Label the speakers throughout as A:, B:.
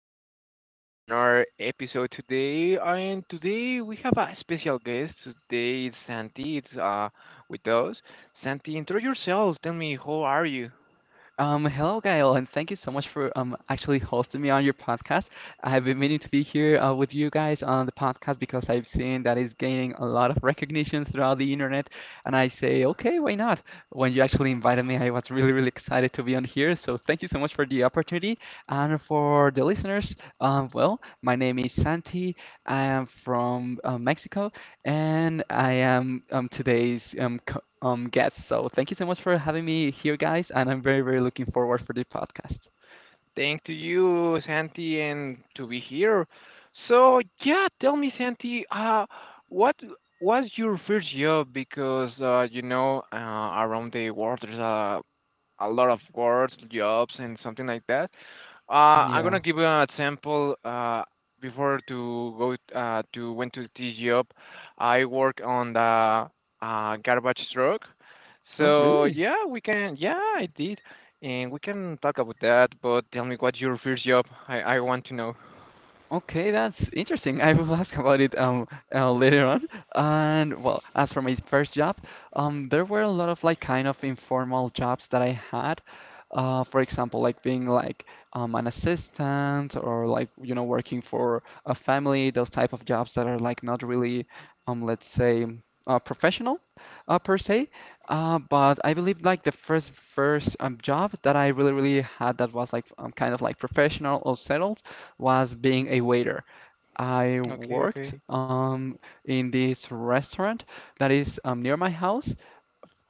A: We have another episode today, and today we have a special guest. Today it's Santi. It's with us. Santi, intro yourself. Tell me, how are you?
B: Hello, Gael, and thank you so much for actually hosting me on your podcast. I've been meaning to be here with you guys on the podcast because I've seen that it's gaining a lot of recognition throughout the internet, and I say, okay, why not? When you actually invited me, I was really, really excited to be on here. So thank you so much for the opportunity, and for the listeners, well, my name is Santi. I am from Mexico. And I am today's guest. So thank you so much for having me here, guys. And I'm very, very looking forward for the podcast.
A: Thank to you, Santi, and to be here. So yeah, tell me, Santi, what was your first job? Because around the world there's a lot of words, jobs, and something like that. I'm
B: Yeah.
A: gonna give you an example. Before to go to went to this job, I work on the garbage truck.
B: Oh,
A: So
B: really?
A: yeah, we can. Yeah, I did, and we can talk about that. But tell me, what's your first job? I want to know.
B: Okay, that's interesting. I will ask about it later on. And well, as for my first job, there were a lot of like kind of informal jobs that I had. For example, like being like an assistant or like you know working for a family, those type of jobs that are like not really let's say professional per se. But I believe like the first job that I really really had that was like kind of like professional or settled was being a waiter. I
A: Okay,
B: worked
A: okay,
B: in this restaurant that is near my house,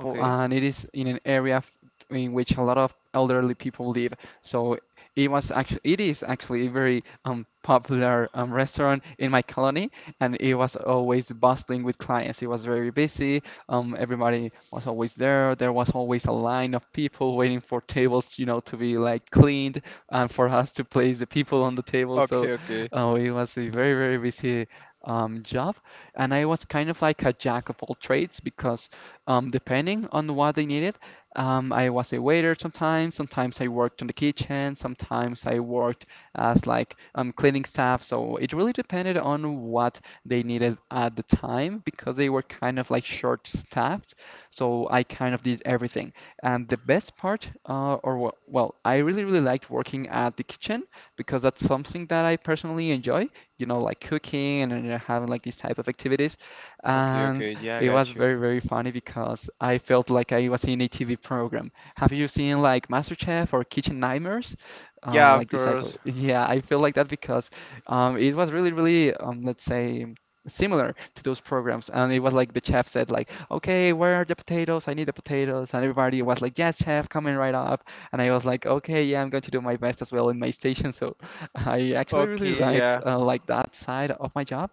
B: for, and it is in an area in which a lot of elderly people live. So it was actually it is actually a very popular restaurant in my colony, and it was always bustling with clients. It was very busy. Everybody was always there. There was always a line of people waiting for tables, you know, to be like cleaned and for us to place the people on the table. So
A: okay, okay,
B: it was a very very busy job, and I was kind of like a jack of all trades because depending on what they needed. I was a waiter sometimes. Sometimes I worked in the kitchen. Sometimes I worked as like cleaning staff. So it really depended on what they needed at the time because they were kind of like short-staffed. So I kind of did everything. And the best part, well, I really really liked working at the kitchen because that's something that I personally enjoy. You know, like cooking and having like these type of activities.
A: okay,
B: And
A: okay. Yeah, I
B: it
A: got
B: was
A: you.
B: very, very funny because I felt like I was in a TV program. Have you seen like MasterChef or Kitchen Nightmares?
A: Yeah, of
B: Like this type
A: course.
B: of, yeah, I feel like that because it was really, really, let's say, similar to those programs. And it was like the chef said, like, okay, where are the potatoes? I need the potatoes. And everybody was like, yes, chef, coming right up. And I was like, okay, yeah, I'm going to do my best as well in my station. So I actually really
A: Okay,
B: liked
A: yeah.
B: like that side of my job.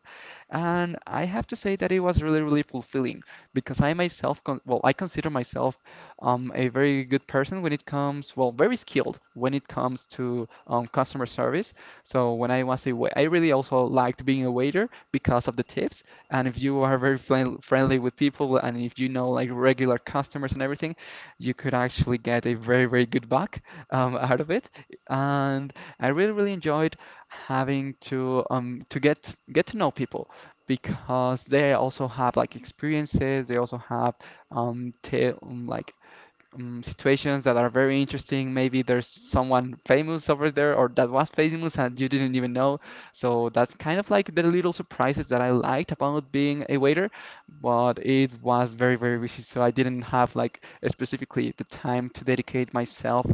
B: And I have to say that it was really, really fulfilling because I myself, con well, I consider myself a very good person when it comes, well, very skilled when it comes to customer service. So when I was a wait, I really also liked being a waiter because of the tips. And if you are very friendly with people and if you know like regular customers and everything, you could actually get a very, very good buck out of it. And I really, really enjoyed having to to get to know people because they also have like experiences, they also have ta like situations that are very interesting. Maybe there's someone famous over there or that was famous and you didn't even know. So that's kind of like the little surprises that I liked about being a waiter, but it was very, very busy. So I didn't have like specifically the time to dedicate myself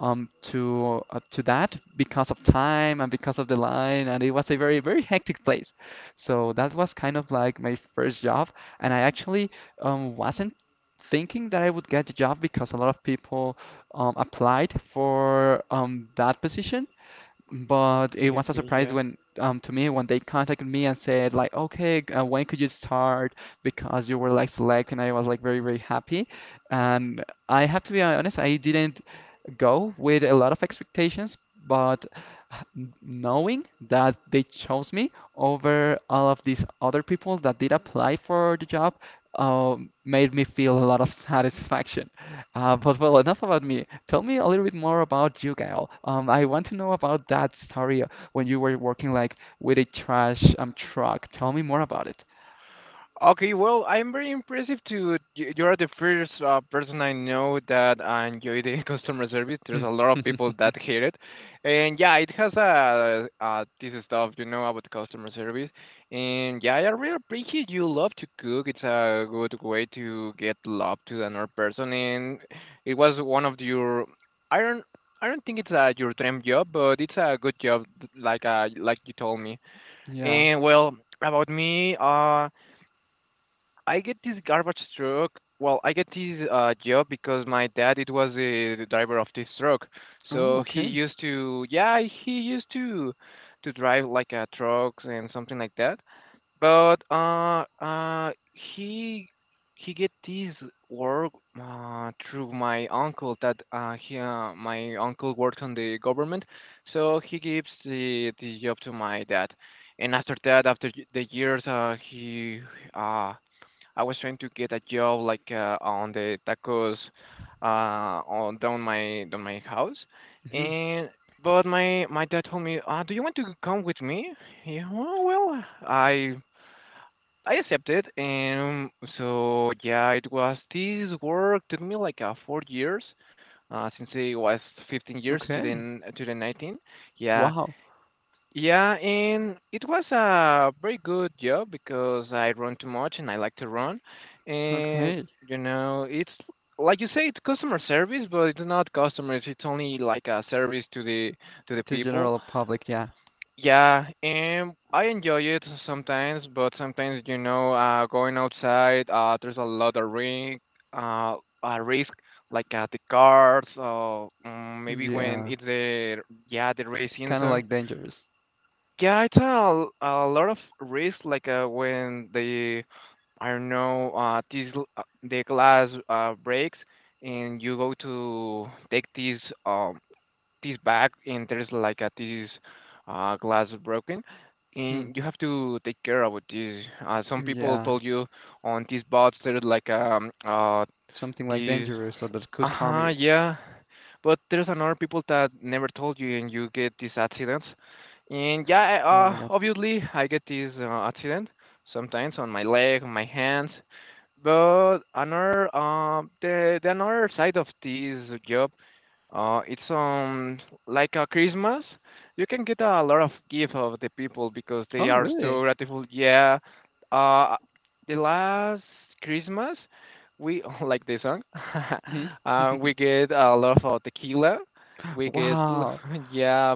B: to that because of time and because of the line and it was a very very hectic place. So that was kind of like my first job, and I actually wasn't thinking that I would get the job because a lot of people applied for that position. But it
A: Okay,
B: was a
A: okay,
B: surprise
A: yeah.
B: when, to me, when they contacted me and said like, okay, when could you start? Because you were like selected, and I was like very, very happy. And I have to be honest, I didn't go with a lot of expectations, but knowing that they chose me over all of these other people that did apply for the job, made me feel a lot of satisfaction. But well, enough about me. Tell me a little bit more about you, Gael. I want to know about that story when you were working like with a trash truck. Tell me more about it.
A: Okay, well, I'm very impressive to you're the first person I know that I enjoy the customer service. There's
B: Hmm.
A: a lot of people that hate it, and yeah, it has a this stuff you know about customer service, and yeah, I really appreciate you love to cook. It's a good way to get love to another person, and it was one of your I don't I don't think it's your dream job, but it's a good job, like you told me.
B: Yeah.
A: And well, about me. I get this garbage truck. Well, I get this job because my dad it was a driver of this truck.
B: Oh,
A: So he
B: okay.
A: used to yeah, he used to drive like trucks and something like that. But he he get this work through my uncle that he my uncle works on the government. So he gives the job to my dad. And after that, after the years, he uh, I was trying to get a job like on the tacos on down my house
B: Hmm.
A: and but my dad told me do you want to come with me yeah well, well I accepted and so yeah it was this work took me like 4 years since I was 15 years to the
B: Okay.
A: to the 19 yeah
B: Wow.
A: yeah, and it was a very good job because I run too much and I like to run. And,
B: Okay.
A: you know, it's like you say, it's customer service, but it's not customers. It's only like a service to the
B: To
A: people.
B: general public, yeah.
A: Yeah, and I enjoy it sometimes, but sometimes, you know, going outside, there's a lot of risk. uh, Risk, like the cars, or maybe when
B: Yeah.
A: it's the yeah the race
B: It's kind of
A: season.
B: like dangerous.
A: Yeah, it's a lot of risk, like when I don't know, the glass breaks and you go to take this back and there's like this glass broken
B: Hmm.
A: and you have to take care of this. Some people
B: Yeah.
A: told you on these bots there's like
B: Something like
A: this
B: dangerous or that could harm
A: uh-huh
B: you.
A: yeah but there's another people that never told you, and you get these accidents. And yeah,
B: Oh my God.
A: obviously I get these accident sometimes on my leg, on my hands. But another, the another side of this job it's like a Christmas. You can get a lot of gift of the people because
B: Oh,
A: they are so
B: really?
A: grateful. Yeah, uh, the last Christmas we like the song.
B: Hmm.
A: We get a lot of tequila. We get
B: Wow.
A: yeah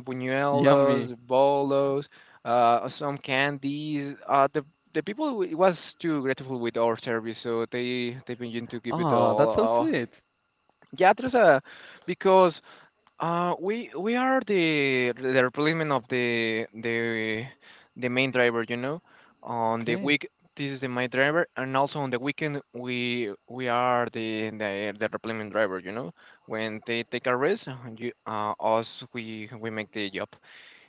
B: Yummy.
A: buñuelos, bolos, some candies. The people was too grateful with our service, so they begin to give it
B: Ah, that's so
A: all.
B: sweet.
A: Yeah, there's a because we are the replacement of the main driver, you know. On the
B: Okay.
A: week, this is the main driver, and also on the weekend, we are the replacement driver, you know. When they take a rest, you, us we make the job,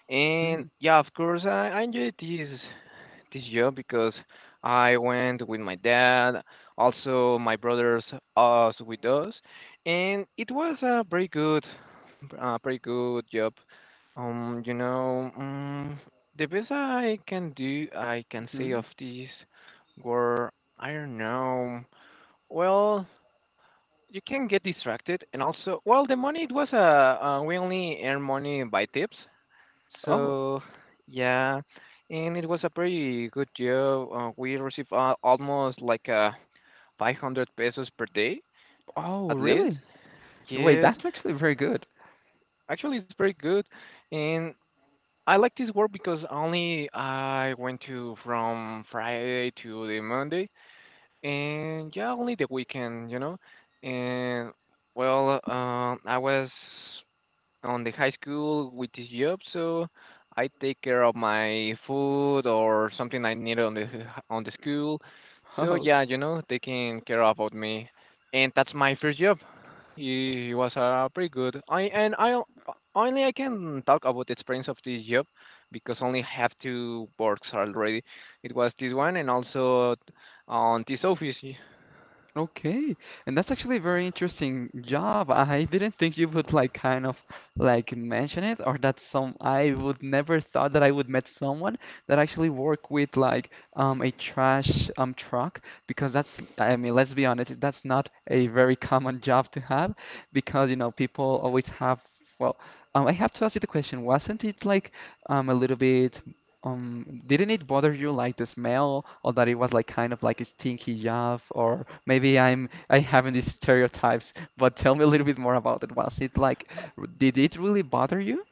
A: and
B: Hmm.
A: yeah, of course, I enjoy this year because I went with my dad, also my brothers, us with us, and it was a very pretty good job. Um, you know, um, the best I can do, I can say of
B: Hmm.
A: this were, I don't know. Well, you can get distracted, and also, well, the money it was we only earn money by tips,
B: Oh,
A: so, yeah, and it was a pretty good job. We received almost like 500 pesos per day,
B: oh,
A: at least.
B: really? Wait,
A: Yes,
B: that's actually very good.
A: actually, it's very good. And I like this work because only I went to from Friday to the Monday, and yeah, only the weekend, you know. And well, I was on the high school with this job, so I take care of my food or something I need on the school. So
B: Oh,
A: yeah, you know, taking care about me, and that's my first job. It was pretty good. I and I o- Only I can talk about the experience of this job because only have two works already. It was this one and also on this office.
B: okay. And that's actually a very interesting job. I didn't think you would like kind of like mention it or that some I would never thought that I would met someone that actually work with like a trash truck because that's, I mean, let's be honest, that's not a very common job to have because you know people always have. Well, I have to ask you the question, wasn't it like a little bit. Didn't it bother you like the smell or that it was like kind of like a stinky job, or maybe I'm I having these stereotypes, but tell me a little bit more about it. Was it like did it really bother you?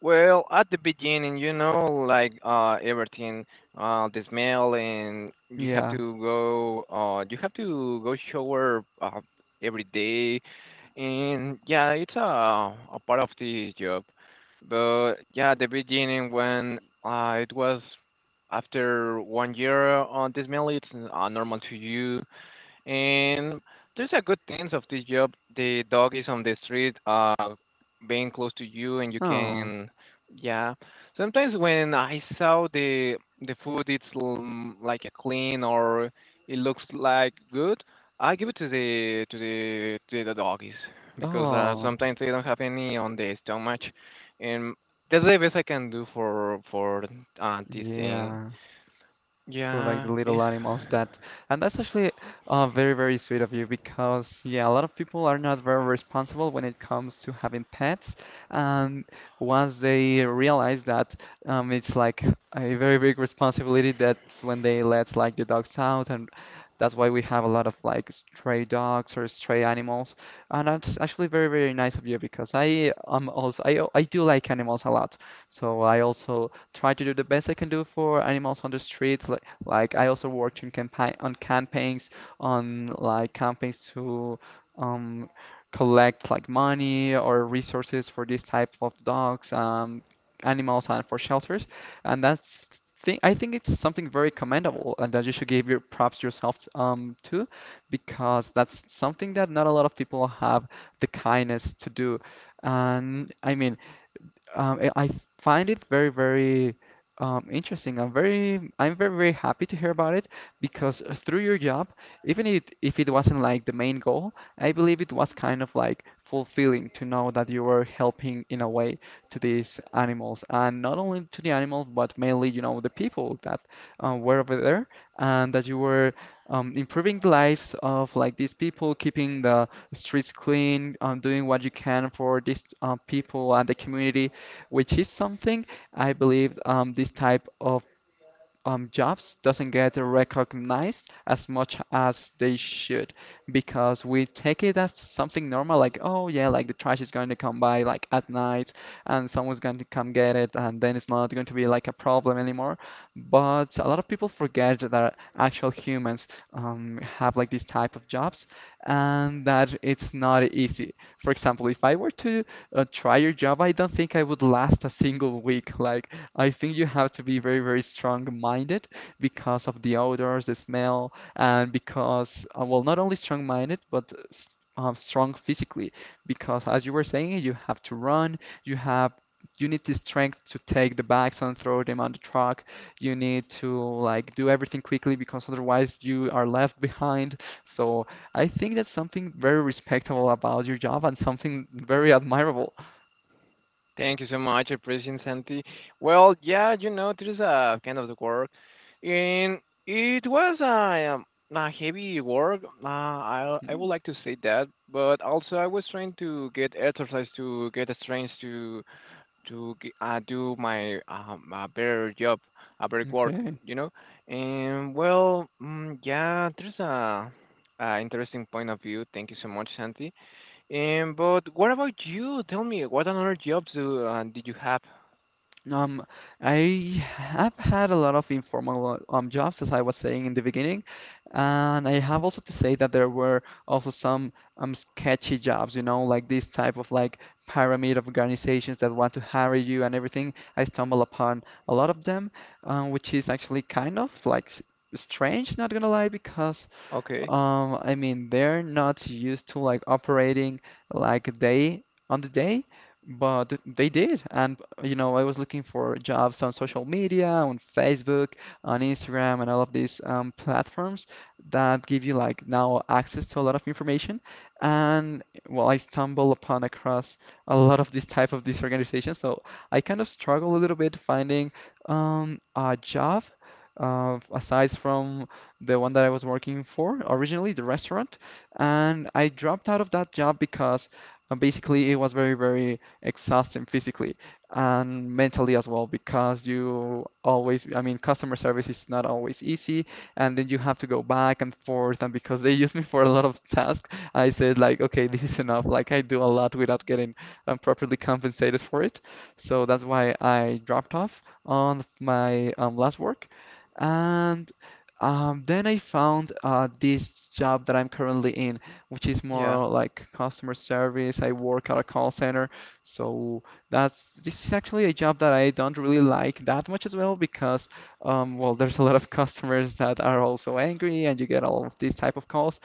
A: Well, at the beginning, you know, the smell, and you have to
B: Yeah.
A: you have to go shower every day, and yeah, it's a part of the job. But yeah, at the beginning when it was after one year on this mail, it's normal to you. And there's a good sense of this job. The dog is on the street, being close to you, and you
B: Oh.
A: can, yeah. Sometimes when I saw the food, it's like a clean or it looks like good. I give it to the doggies because
B: Oh.
A: sometimes they don't have any on the stomach, and that's the best I can do for this thing.
B: Yeah. For like
A: Yeah.
B: the
A: Eh.
B: little animals that, and that's actually very very sweet of you because yeah a lot of people are not very responsible when it comes to having pets, and once they realize that it's like a very big responsibility, that's when they let like the dogs out, and that's why we have a lot of like stray dogs or stray animals, and that's actually very very nice of you because I am also I do like animals a lot, so I also try to do the best I can do for animals on the streets, like I also worked in campaign on campaigns on like campaigns to um, collect like money or resources for this type of dogs, animals, and for shelters. And that's thing I think it's something very commendable and that you should give your props yourself to because that's something that not a lot of people have the kindness to do. And I mean, I find it very, very interesting. I'm very, very happy to hear about it because through your job, even if it wasn't like the main goal, I believe it was kind of like fulfilling to know that you were helping in a way to these animals, and not only to the animals, but mainly, you know, the people that were over there, and that you were improving the lives of like these people, keeping the streets clean, doing what you can for these people and the community, which is something I believe this type of jobs doesn't get recognized as much as they should because we take it as something normal, like, oh yeah, like the trash is going to come by like at night and someone's going to come get it and then it's not going to be like a problem anymore. But a lot of people forget that actual humans have like these type of jobs and that it's not easy. For example, if I were to try your job, I don't think I would last a single week. Like I think you have to be very, very strong-minded because of the odors, the smell, and because, well, not only strong-minded, but strong physically. Because as you were saying, you have to run, you have, you need the strength to take the bags and throw them on the truck. You need to like do everything quickly because otherwise you are left behind. So I think that's something very respectable about your job and something very admirable.
A: Thank you so much. I appreciate Santi. Well, yeah, you know, it is a kind of the work, and it was a heavy work. I would
B: Mm,
A: like to say that, but also I was trying to get exercise to get a strength to do my a better job, a better work,
B: okay.
A: you know. And well, yeah, there's a interesting point of view. Thank you so much, Santi. But what about you? Tell me, what another jobs do did you have?
B: Um, I have had a lot of informal jobs, as I was saying in the beginning, and I have also to say that there were also some sketchy jobs, you know, like this type of like pyramid of organizations that want to hire you and everything. I stumble upon a lot of them, which is actually kind of like strange, not gonna lie, because
A: Okay.
B: I mean, they're not used to like operating like day on the day, but they did. And you know, I was looking for jobs on social media, on Facebook, on Instagram, and all of these platforms that give you like now access to a lot of information. And well, I stumbled upon across a lot of this type of these organizations, so I kind of struggle a little bit finding a job. Aside from the one that I was working for originally, the restaurant. And I dropped out of that job because basically it was very, very exhausting physically and mentally as well, because you always, I mean, customer service is not always easy. And then you have to go back and forth. And because they used me for a lot of tasks, I said, like, okay, this is enough. Like, I do a lot without getting properly compensated for it. So that's why I dropped off on my last work. And then I found this job that I'm currently in, which is
A: Yeah.
B: more like customer service. I work at a call center, so that's this is actually a job that I don't really like that much as well because, well, there's a lot of customers that are also angry, and you get all of these type of calls.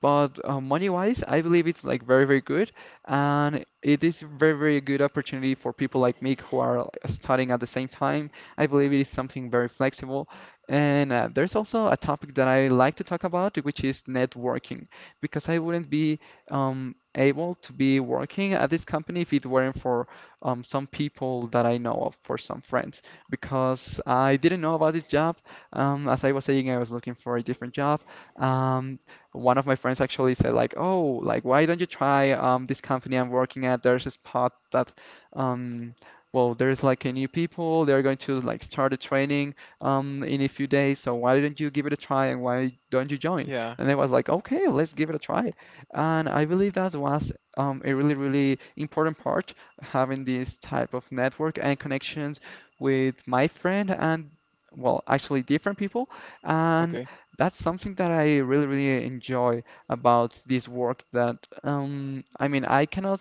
B: But money-wise, I believe it's like very, very good, and it is very, very good opportunity for people like me who are like, studying at the same time. I believe it is something very flexible, and there's also a topic that I like to talk about, which is networking, because I wouldn't be able to be working at this company if it weren't for some people that I know of, for some friends, because I didn't know about this job. As I was saying, I was looking for a different job. Um, One of my friends actually said like, "Oh, like why don't you try this company I'm working at? There's a spot that um well, there's like a new people, they're going to like start a training in a few days, so why don't you give it a try and why don't you join?"
A: Yeah.
B: And I was like, "Okay, let's give it a try." And I believe that was a really important part, having this type of network and connections with my friend and well, actually different people. And
A: Okay.
B: that's something that I really, really enjoy about this work that I mean I cannot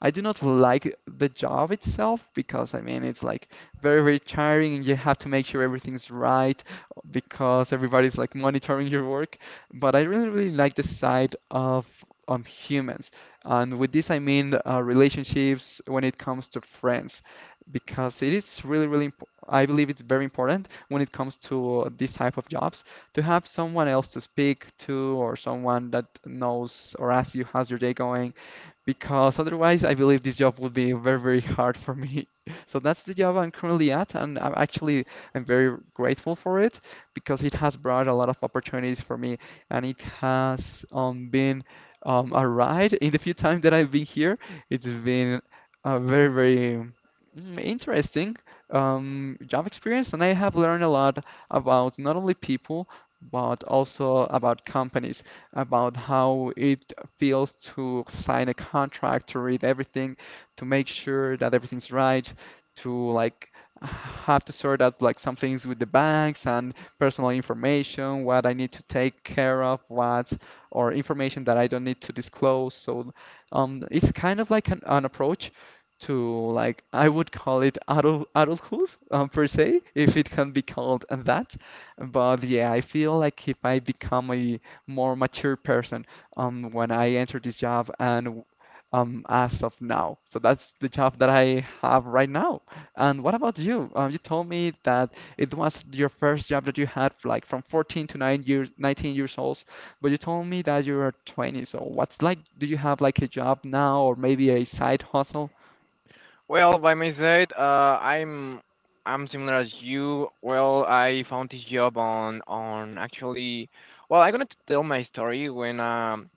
B: I do not like the job itself because I mean it's like very, very tiring and you have to make sure everything's right because everybody's like monitoring your work. But I really, really like the side of humans. And with this I mean relationships when it comes to friends because it is really, really imp I believe it's very important when it comes to this type of jobs to have someone else to speak to or someone that knows or asks you how's your day going because otherwise I believe this job would be very, very hard for me. So that's the job I'm currently at, and I'm very grateful for it because it has brought a lot of opportunities for me, and it has been a ride. In the few times that I've been here, it's been a very, very, mm, interesting job experience, and I have learned a lot about not only people but also about companies, about how it feels to sign a contract, to read everything, to make sure that everything's right, to like have to sort out like some things with the banks and personal information, what I need to take care of, what or information that I don't need to disclose. So it's kind of like an approach to, like, I would call it adulthood, per se, if it can be called that. But yeah, I feel like if I become a more mature person when I entered this job and as of now. So that's the job that I have right now. And what about you? You told me that it was your first job that you had like from 14 to 9 years, 19 years old, but you told me that you are 20. So what's like, do you have like a job now or maybe a side hustle?
A: Well, by my side, I'm similar as you. Well, I found this job on actually. Well, I'm gonna tell my story when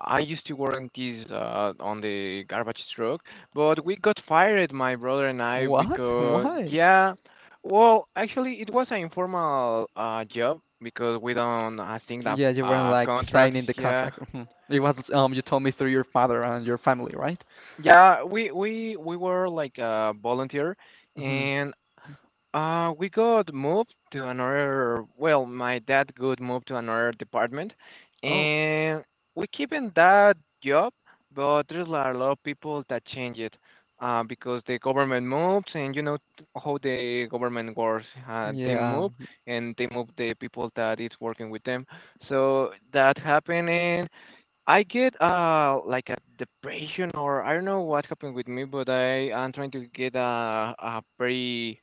A: I used to work this on the garbage truck, but we got fired, my brother and I,
B: What?
A: because
B: Why?
A: yeah, well, actually, it was an informal job because we don't, I think that
B: Yeah, you weren't like
A: contracts.
B: signing the
A: Yeah,
B: contract. Mhm. It was you told me through your father and your family, right?
A: yeah, we were like a volunteer,
B: Hmm.
A: and we got moved to another, well, my dad got moved to another department,
B: Oh,
A: and we keep in that job, but there's a lot of people that change it, because the government moves, and you know how the government works. They
B: yeah.
A: move, and they move the people that is working with them. So that happened, and I get like a depression, or I don't know what happened with me, but I am trying to get a very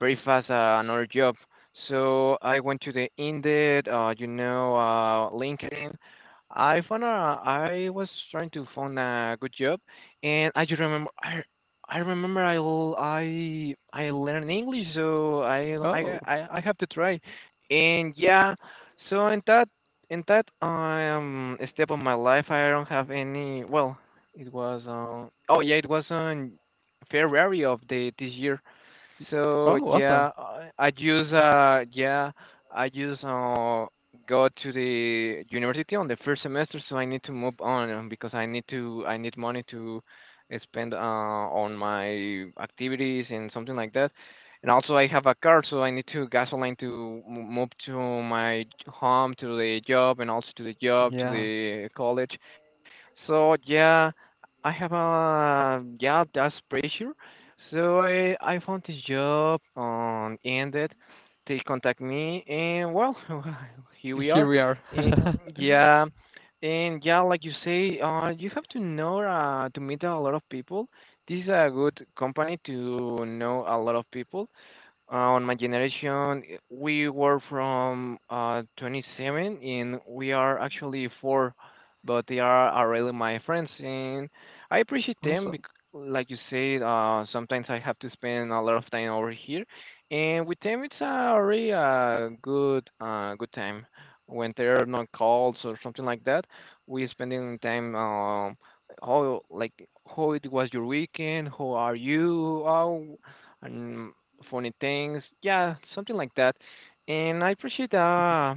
A: very fast another job. So I went to the Indeed, LinkedIn, I found I was trying to find a good job, and I remember I learned English, so I
B: Oh,
A: I I I have to try, and yeah, so in that step of my life, I don't have any. Well, it was oh yeah, it was on February of the this year. So
B: oh, awesome.
A: yeah, I use go to the university on the first semester, so I need to move on because I need money to spend on my activities and something like that. And also I have a car, so I need to gasoline to move to my home, to the job, and also to the job, to
B: Yeah,
A: the college. So yeah, I have a yeah, that's pressure. So I found this job on ended they contact me, and well, here we
B: here
A: are.
B: we are.
A: And yeah, and yeah, like you say, you have to know to meet a lot of people. This is a good company to know a lot of people. On my generation, we were from 27, and we are actually four, but they are really my friends, and I appreciate them.
B: Awesome.
A: Because, like you said, sometimes I have to spend a lot of time over here, and with them it's a really good, good time. When there are no calls or something like that, we spending time. How like how it was your weekend? How are you? How and funny things, yeah, something like that. And I appreciate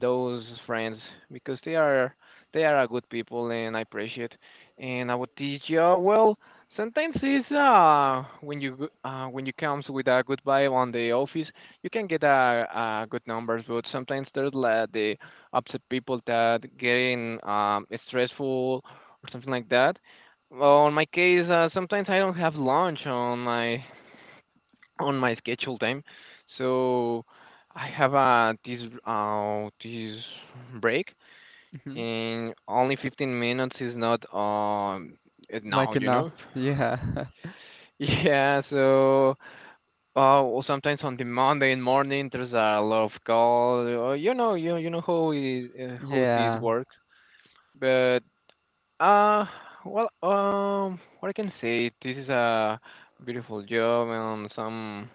A: those friends because they are a good people, and I appreciate. And our teacher, well, sometimes it's when you comes with a good vibe on the office, you can get a, good numbers, but sometimes there's like the upset people that getting stressful or something like that. Well, in my case, sometimes I don't have lunch on my schedule time. So I have this break,
B: Hmm.
A: and only 15 minutes is not it now,
B: Like
A: you
B: enough.
A: know.
B: Yeah.
A: Yeah, so well, sometimes on the Monday in morning there's a lot of calls. You know, you know how it, how this
B: Yeah.
A: works. But uh, well, what I can say, this is a beautiful job and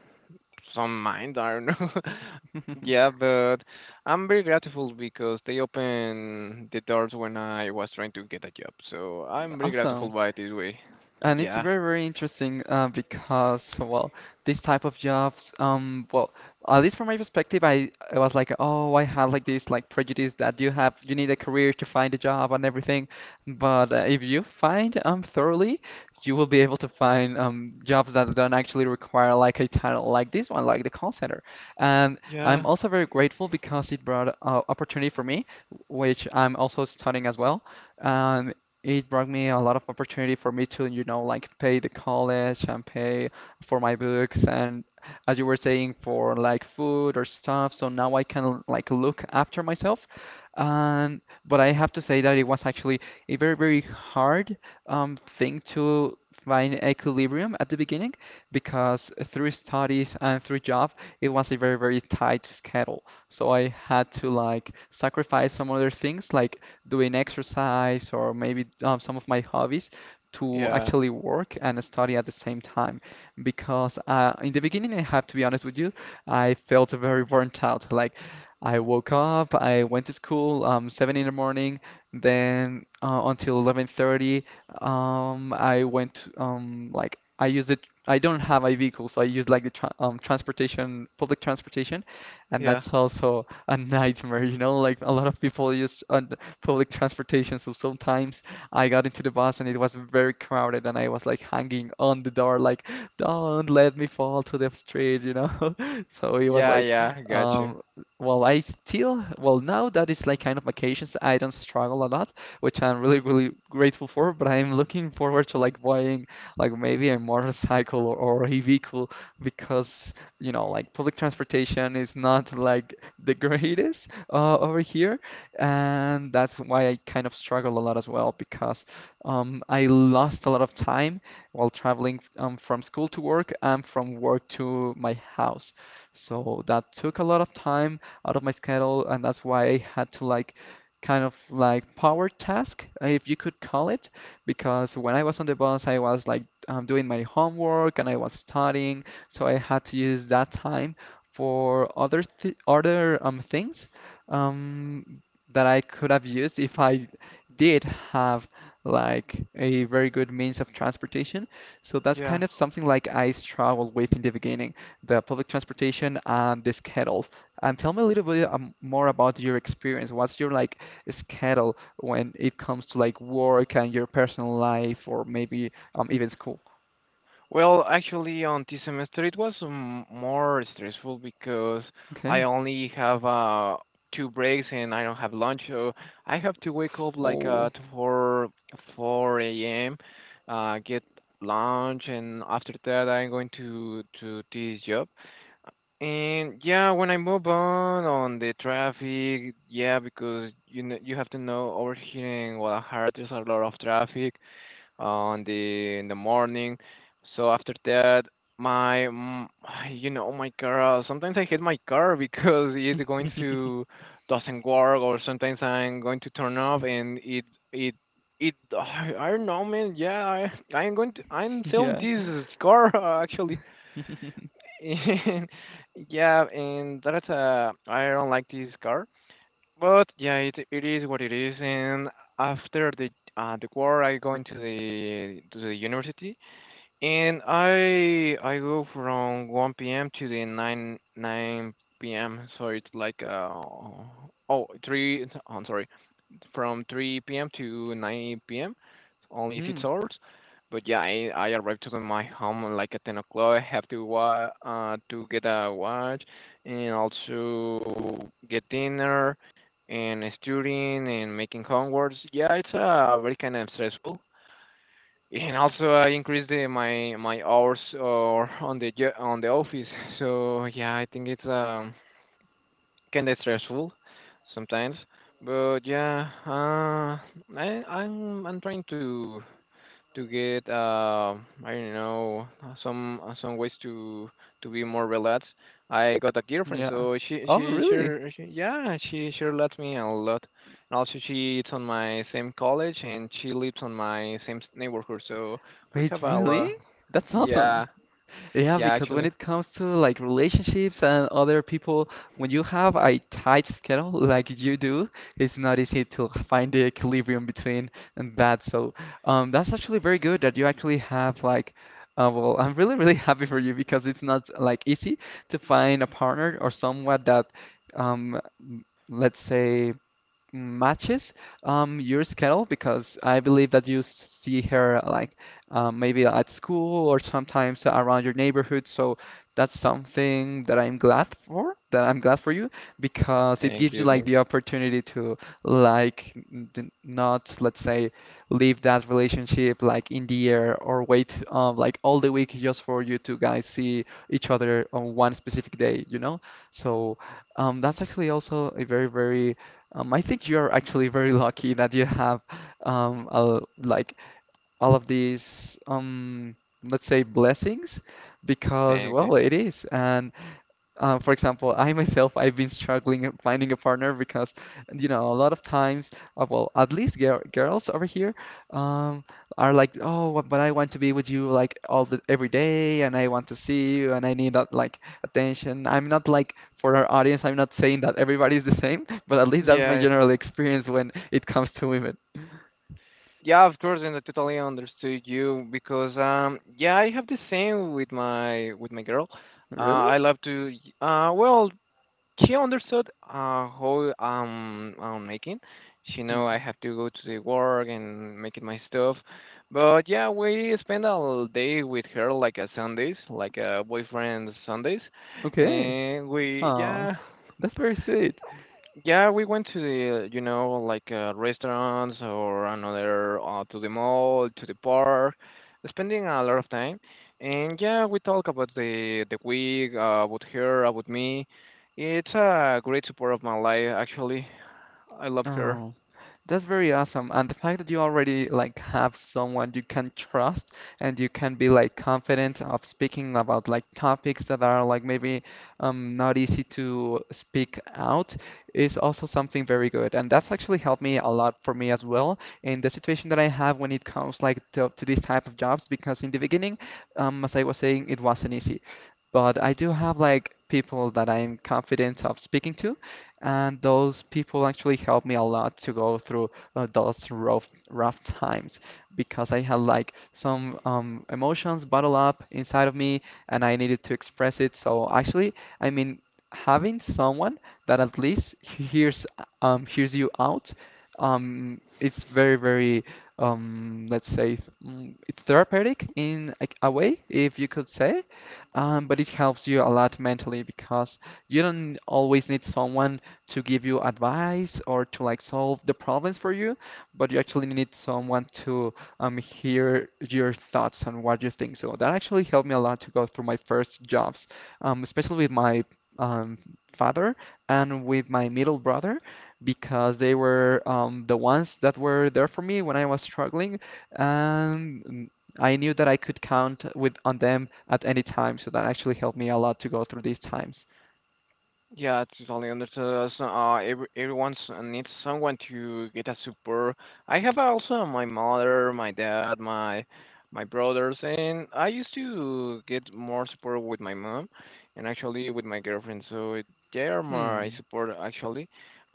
A: some mind, I don't know. Yeah, but I'm very grateful because they opened the doors when I was trying to get a job. So I'm very grateful
B: Awesome.
A: by this way.
B: And it's
A: Yeah,
B: very, very interesting because, well, this type of jobs, well, at least from my perspective, I was like, oh, I had like this like prejudice that you have, you need a career to find a job and everything. But if you find thoroughly, you will be able to find jobs that don't actually require like a title like this one, like the call center. And I'm
A: yeah,
B: also very grateful because it brought opportunity for me, which I'm also studying as well. Um, it brought me a lot of opportunity for me to, you know, like pay the college and pay for my books and as you were saying for like food or stuff. So now I can like look after myself. And but I have to say that it was actually a very, very hard thing to find equilibrium at the beginning because through studies and through job it was a very, very tight schedule. So I had to like sacrifice some other things like doing exercise or maybe some of my hobbies to
A: yeah,
B: actually work and study at the same time. Because in the beginning, I have to be honest with you, I felt very burnt out. Like I woke up, I went to school 7 in the morning, then until 11:30, I went like I used it. I don't have a vehicle, so I use like the tra transportation, public transportation, and
A: yeah,
B: that's also a nightmare, you know, like a lot of people use on public transportation, so sometimes I got into the bus and it was very crowded and I was like hanging on the door like, don't let me fall to the street, you know. So it was
A: yeah,
B: like
A: yeah, gotcha.
B: um well I still well now that it's like kind of vacations I don't struggle a lot, which I'm really really grateful for, but I'm looking forward to like buying like maybe a motorcycle or a vehicle because you know, like public transportation is not like the greatest over here, and that's why I kind of struggle a lot as well because I lost a lot of time while traveling from school to work and from work to my house. So that took a lot of time out of my schedule, and that's why I had to like kind of like power task, if you could call it, because when I was on the bus, I was like doing my homework and I was studying so I had to use that time for other things um that I could have used if I did have like a very good means of transportation. So that's
A: Yeah.
B: kind of something like I struggled with in the beginning, the public transportation and the schedule. And tell me a little bit more about your experience. What's your like schedule when it comes to like work and your personal life or maybe even school?
A: Well, actually, on this semester it was more stressful because I
B: Okay.
A: only have two breaks and I don't have lunch, so I have to wake up like
B: Oh.
A: to four a.m. Get lunch and after that I'm going to this job. And yeah, when I move on the traffic, yeah, because you know you have to know over here in Guadalajara there's a lot of traffic on the in the morning. So after that, my you know my car. Sometimes I hit my car because it's going to doesn't work, or sometimes I'm going to turn off and it it. I don't know, man. Yeah, I I'm going to I'm selling
B: Yeah.
A: this car actually. And yeah, and that's I don't like this car, but yeah, it is what it is. And after the war, I go into the to the university, and I go from 1 p.m. to the 9 p.m. So it's like uh oh three. I'm sorry, from 3 p.m. to 9 p.m. Only
B: Hmm.
A: 6 hours. But yeah, I arrived to my home like at 10 o'clock. I have to to get a watch and also get dinner and studying and making homeworks. Yeah, it's very kind of stressful. And also I increased the, my hours or on the on the office. So yeah, I think it's can be stressful sometimes, but yeah, I'm I'm trying to get I don't know some ways to be more relaxed. I got a girlfriend,
B: Yeah.
A: so
B: Oh, really?
A: she sure lets me a lot. And also she it's on my same college and she lives on my same neighborhood, so we
B: Wait,
A: have a
B: really?
A: lot.
B: That's
A: Yeah,
B: awesome. Yeah,
A: yeah,
B: because when
A: actually.
B: it comes to like relationships and other people, when you have a tight schedule like you do, it's not easy to find the equilibrium between and that. So, that's actually very good that you actually have like, well, I'm really, really happy for you because it's not like easy to find a partner or someone that, um, m- let's say matches your schedule because I believe that you see her like maybe at school or sometimes around your neighborhood. So that's something that I'm glad for, that I'm glad for you because it
A: Thank
B: gives you
A: you,
B: like
A: thank
B: the
A: you,
B: opportunity to like not, let's say, leave that relationship like in the air or wait like all the week just for you two guys see each other on one specific day, you know? So that's actually also a very, very I think you're actually very lucky that you have all, like all of these let's say blessings because
A: thank you.
B: well it is and for example, I myself, I've been struggling at finding a partner because, you know, a lot of times, well, at least girls over here, um, are like, oh, but I want to be with you like all the every day, and I want to see you, and I need that like attention. I'm not like for our audience, I'm not saying that everybody is the same, but at least that's my
A: Yeah.
B: general experience when it comes to women.
A: Yeah, of course, and I totally understood you because yeah, I have the same with my girl. Uh,
B: Really?
A: I love to well, she understood how I'm making. She know
B: Hmm.
A: I have to go to the work and making my stuff. But yeah, we spend all day with her like a Sundays, like a boyfriend Sundays.
B: Okay.
A: And we
B: Oh,
A: yeah,
B: that's very sweet.
A: yeah, we went to the, you know, like restaurants or another to the mall, to the park, spending a lot of time. And yeah, we talk about the week, about her, about me. It's a great support of my life, actually. I love her.
B: Oh. That's very awesome. And the fact that you already like have someone you can trust and you can be like confident of speaking about like topics that are like maybe not easy to speak out is also something very good. And that's actually helped me a lot for me as well in the situation that I have when it comes like to these type of jobs because in the beginning, as I was saying, it wasn't easy. But I do have like people that I'm confident of speaking to and those people actually helped me a lot to go through those rough times because I had like some emotions bottled up inside of me and I needed to express it. So actually, I mean, having someone that at least hears hears you out, it's very very let's say it's therapeutic in a way, if you could say, but it helps you a lot mentally because you don't always need someone to give you advice or to like solve the problems for you, but you actually need someone to hear your thoughts and what you think. So that actually helped me a lot to go through my first jobs, especially with my um, father and with my middle brother, because they were the ones that were there for me when I was struggling, and I knew that I could count with on them at any time. So that actually helped me a lot to go through these times.
A: Yeah, totally understood. So, every, everyone needs someone to get a support. I have also my mother, my dad, my brothers, and I used to get more support with my mom, and actually with my girlfriend. So it- they are my support actually,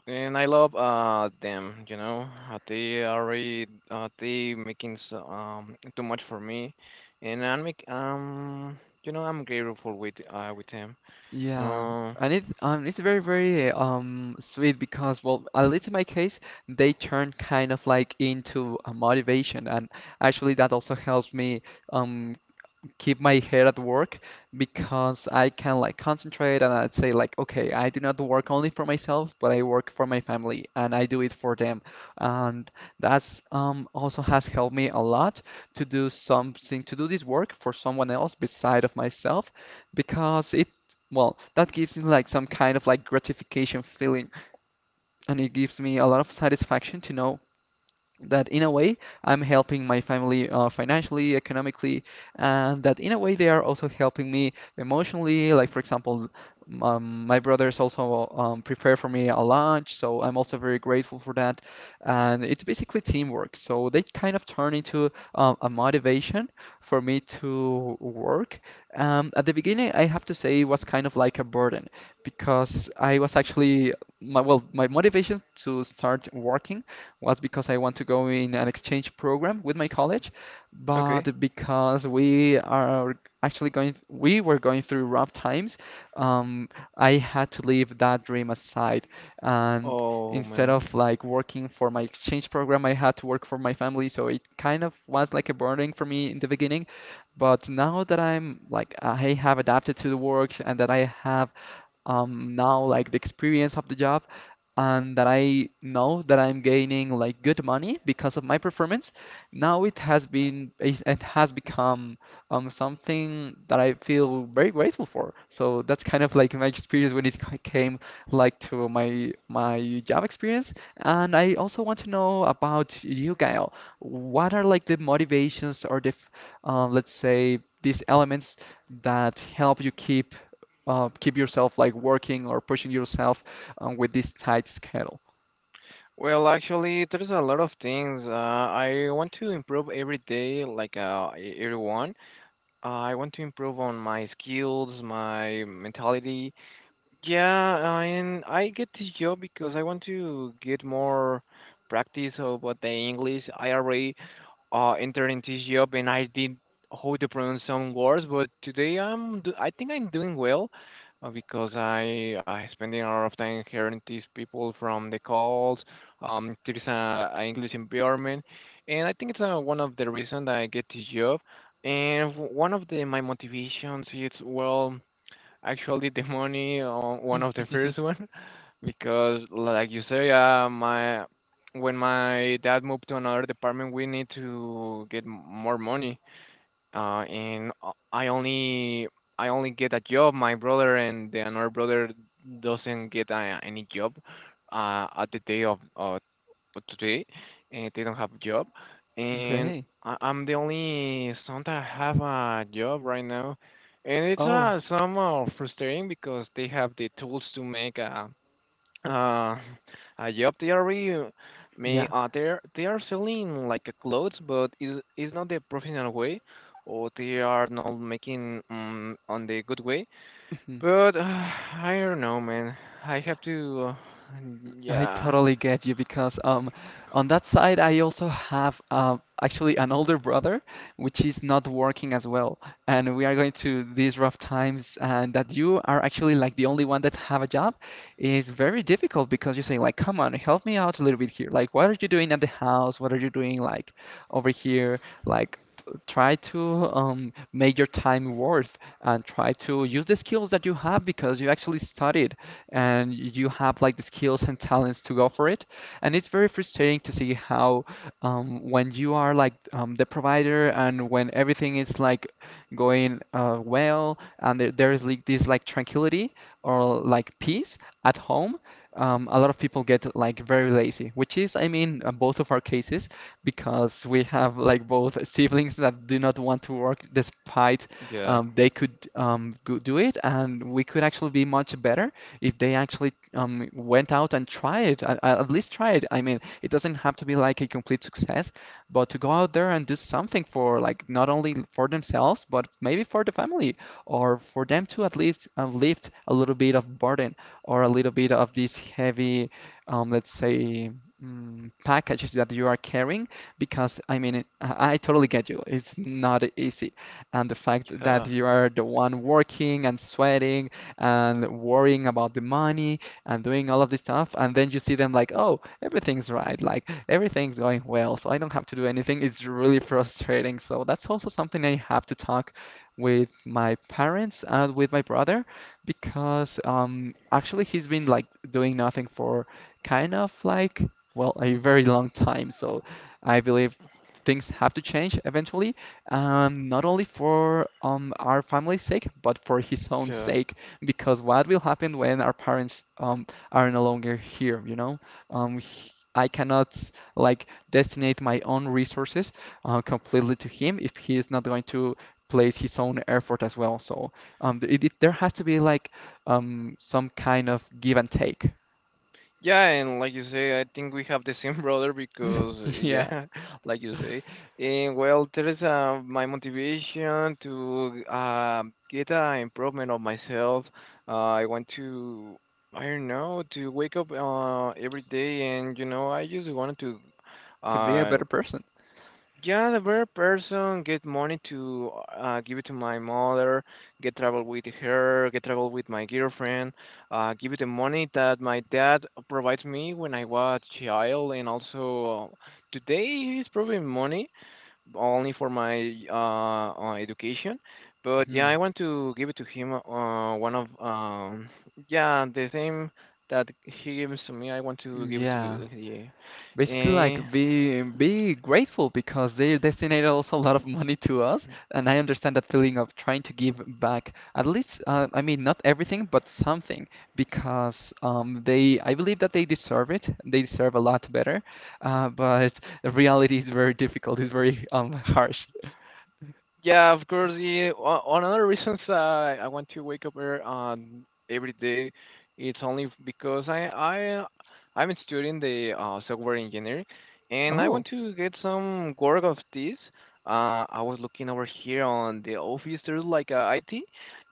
A: and I love them. You know, uh, they are really they making so, too much for me, and I'm make you know I'm grateful with them.
B: Yeah,
A: Um,
B: and it's very very sweet because well at least in my case they turn kind of like into a motivation and actually that also helps me um keep my head at work because I can like concentrate and I'd say like, okay, I do not work only for myself, but I work for my family and I do it for them. And that's also has helped me a lot to do something, to do this work for someone else beside of myself because it well, that gives me like some kind of like gratification feeling, and it gives me a lot of satisfaction to know that in a way I'm helping my family financially, economically, and that in a way they are also helping me emotionally. Like for example, my brothers also prepare for me a lunch, so I'm also very grateful for that. And it's basically teamwork, so they kind of turn into a motivation for me to work. At the beginning, I have to say it was kind of like a burden because I was actually my well, my motivation to start working was because I want to go in an exchange program with my college, but
A: okay.
B: because we are actually going, we were going through rough times, um, I had to leave that dream aside. And
A: Oh
B: instead
A: man.
B: of like working for my exchange program, I had to work for my family. So it kind of was like a burden for me in the beginning. But now that I have adapted to the work and that I have now like the experience of the job, and that I know that I'm gaining like good money because of my performance, now it has been it has become something that I feel very grateful for. So that's kind of like my experience when came like to my job experience. And I also want to know about you, Gael. What are like the motivations or let's say these elements that help you keep keep yourself like working or pushing yourself with this tight schedule.
A: Well, actually, there's a lot of things. I want to improve every day, like everyone. I want to improve on my skills, my mentality. Yeah, and I get this job because I want to get more practice about the English. I already entered into this job and I did how to pronounce some words, but today I think I'm doing well because I spending a lot of time hearing these people from the calls. There is a English environment, and I think it's one of the reasons that I get this job. And one of the my motivations is well. Actually, the money on one of the first one, because like you say, my when my dad moved to another department, we need to get more money. And I only get a job. My brother and the another brother doesn't get any job at the day of but today, and they don't have job. And
B: Okay.
A: I, I'm the only son that have a job right now, and it's
B: Oh,
A: somewhat frustrating because they have the tools to make uh, a job. They already may
B: yeah.
A: they are selling like a clothes, but it is not the professional way, or they are not making on the good way. But I don't know, man. I have to.
B: I
A: Yeah,
B: totally get you because on that side I also have actually an older brother which is not working as well and we are going through these rough times and that you are actually like the only one that have a job is very difficult because you say like come on help me out a little bit here like what are you doing at the house what are you doing like over here like try to make your time worth and try to use the skills that you have because you actually studied and you have like the skills and talents to go for it. And it's very frustrating to see how when you are like the provider and when everything is like going well and there is like this like tranquility or like peace at home, a lot of people get like very lazy, which is, I mean, both of our cases because we have like both siblings that do not want to work despite
A: yeah,
B: they could go do it and we could actually be much better if they actually went out and tried, at least tried. I mean, it doesn't have to be like a complete success, but to go out there and do something for like not only for themselves, but maybe for the family, or for them to at least lift a little bit of burden or a little bit of this heavy, let's say. Packages that you are carrying, because I mean, I totally get you. It's not easy and the fact that
A: yeah,
B: you are the one working and sweating and worrying about the money and doing all of this stuff. And then you see them like, oh, everything's right, like everything's going well, so I don't have to do anything. It's really frustrating. So that's also something I have to talk with my parents and with my brother because actually he's been like doing nothing for kind of like, well, a very long time. So I believe things have to change eventually, not only for our family's sake, but for his own
A: yeah.
B: sake because what will happen when our parents are no longer here, you know? I cannot like destinate my own resources completely to him if he is not going to place his own effort as well. So there has to be like some kind of give and take.
A: Yeah, and like you say, I think we have the same brother because
B: Yeah,
A: yeah, like you say, and well, there is my motivation to get an improvement of myself. I want to, I don't know, to wake up every day, and you know, I just wanted to.
B: to be a
A: Uh,
B: better person.
A: yeah, the very person get money to give it to my mother, get travel with her, get travel with my girlfriend, give it the money that my dad provides me when I was child, and also today he's providing money only for my education. But yeah, I
B: Mhm.
A: want to give it to him. One of yeah, the same that he gives to me, I want to give it
B: Yeah.
A: to
B: Basically,
A: yeah.
B: like be grateful because they destinated also a lot of money to us, and I understand that feeling of trying to give back at least, I mean, not everything, but something, because I believe that they deserve it. They deserve a lot better, but reality is very difficult. It's very harsh.
A: Yeah, of course. The one of the reasons I want to wake up every day, it's only because I'm studying the software engineering, and I
B: Oh,
A: want to get some work of this. I was looking over here on the office. There's like a IT,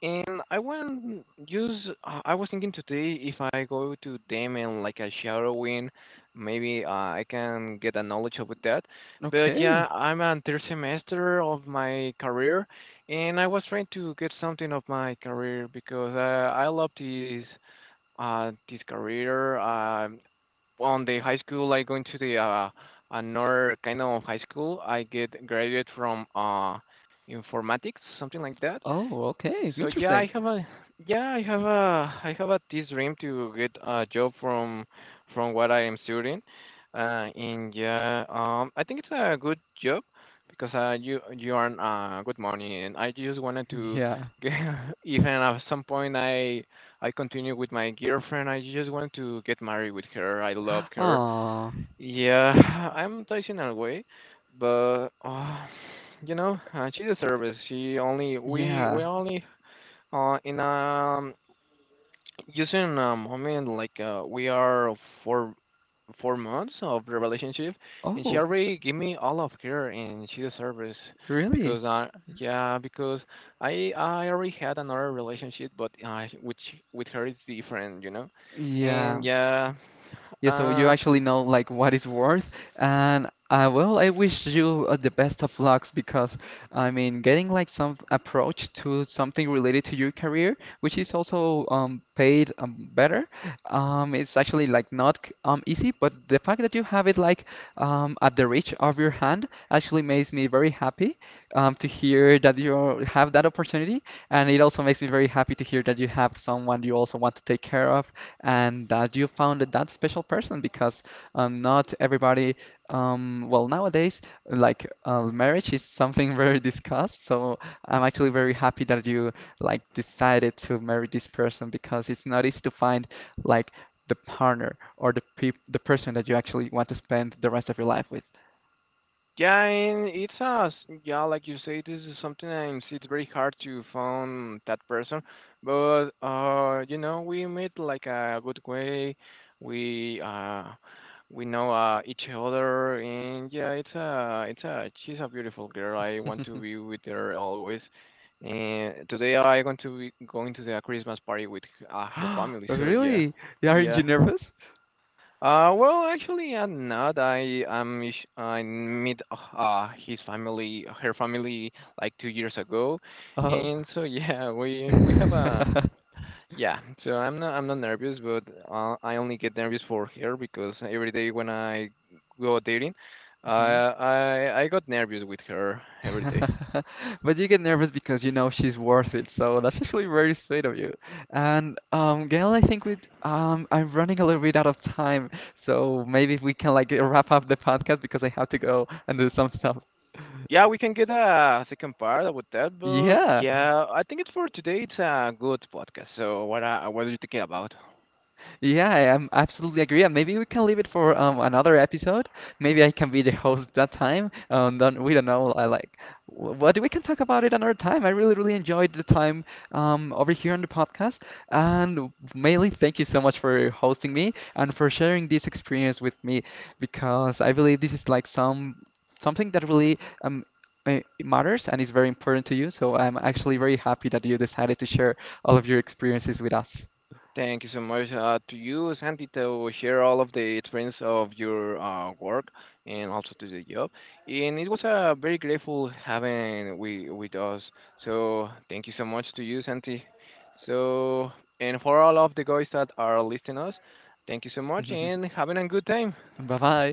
A: and I want use. I was thinking today if I go to them and like a shadowing, maybe I can get a knowledge about that. But
B: okay.
A: yeah, I'm on third semester of my career, and I was trying to get something of my career because I love this this career. On the high school, I going to the another kind of high school. I get graduate from informatics, something like that.
B: Oh, okay.
A: So yeah,
B: Interesting.
A: I have a this dream to get a job from what I am studying. And yeah, I think it's a good job because you earn good money, and I just wanted to
B: Yeah.
A: get even at some point I continue with my girlfriend. I just want to get married with her. I love her.
B: Oh,
A: Yeah, I'm touching away, but you know she deserves it. She only
B: yeah.
A: we only in using a moment like we are four months of the relationship, and she
B: Oh,
A: already gave me all of her, and she deserves it
B: really?
A: because yeah, because I already had another relationship, but which with her is different, you know, and
B: Yeah.
A: yeah,
B: Yeah, so you
A: uh.
B: actually know like what it's worth, and well, I wish you the best of lucks because I mean, getting like some approach to something related to your career, which is also paid better, it's actually like not c- easy, but the fact that you have it like at the reach of your hand actually makes me very happy to hear that you have that opportunity, and it also makes me very happy to hear that you have someone you also want to take care of and that you found that special person because not everybody, well, nowadays, like marriage is something very discussed. So I'm actually very happy that you like decided to marry this person because it's not easy to find like the partner or the person that you actually want to spend the rest of your life with.
A: Yeah, and it's us. Yeah, like you say, this is sometimes it's very hard to find that person, but you know, we meet like a good way. We uh, we know each other, and yeah, it's a she's a beautiful girl. I want to be with her always. And today I going to be going to the Christmas party with her family. So yeah,
B: Really? Aren't you
A: yeah.
B: nervous?
A: Well, actually, I'm not. I met his family, her family, like 2 years ago,
B: Oh.
A: and so yeah, we have a
B: Mhm.
A: yeah. So I'm not nervous, but I only get nervous for her because every day when I go dating, uh, I got nervous with her every day.
B: But you get nervous because you know she's worth it, so that's actually very sweet of you. And Gail, I think we I'm running a little bit out of time, so maybe we can like wrap up the podcast because I have to go and do some stuff.
A: Yeah, we can get a second part about that, but
B: Yeah.
A: yeah, I think it's for today. It's a good podcast. So what are you thinking about?
B: Yeah, I am absolutely agree. And maybe we can leave it for another episode. Maybe I can be the host that time. Don't, we don't know. But we can talk about it another time. I really, really enjoyed the time over here on the podcast. And mainly, thank you so much for hosting me and for sharing this experience with me, because I believe this is like something that really um. Matters and is very important to you. So I'm actually very happy that you decided to share all of your experiences with us.
A: Thank you so much to you, Santi, to share all of the experience of your work and also to the job. And it was very grateful having we with us. So thank you so much to you, Santi. So and for all of the guys that are listening us, thank you so much and having a good time.
B: Bye bye.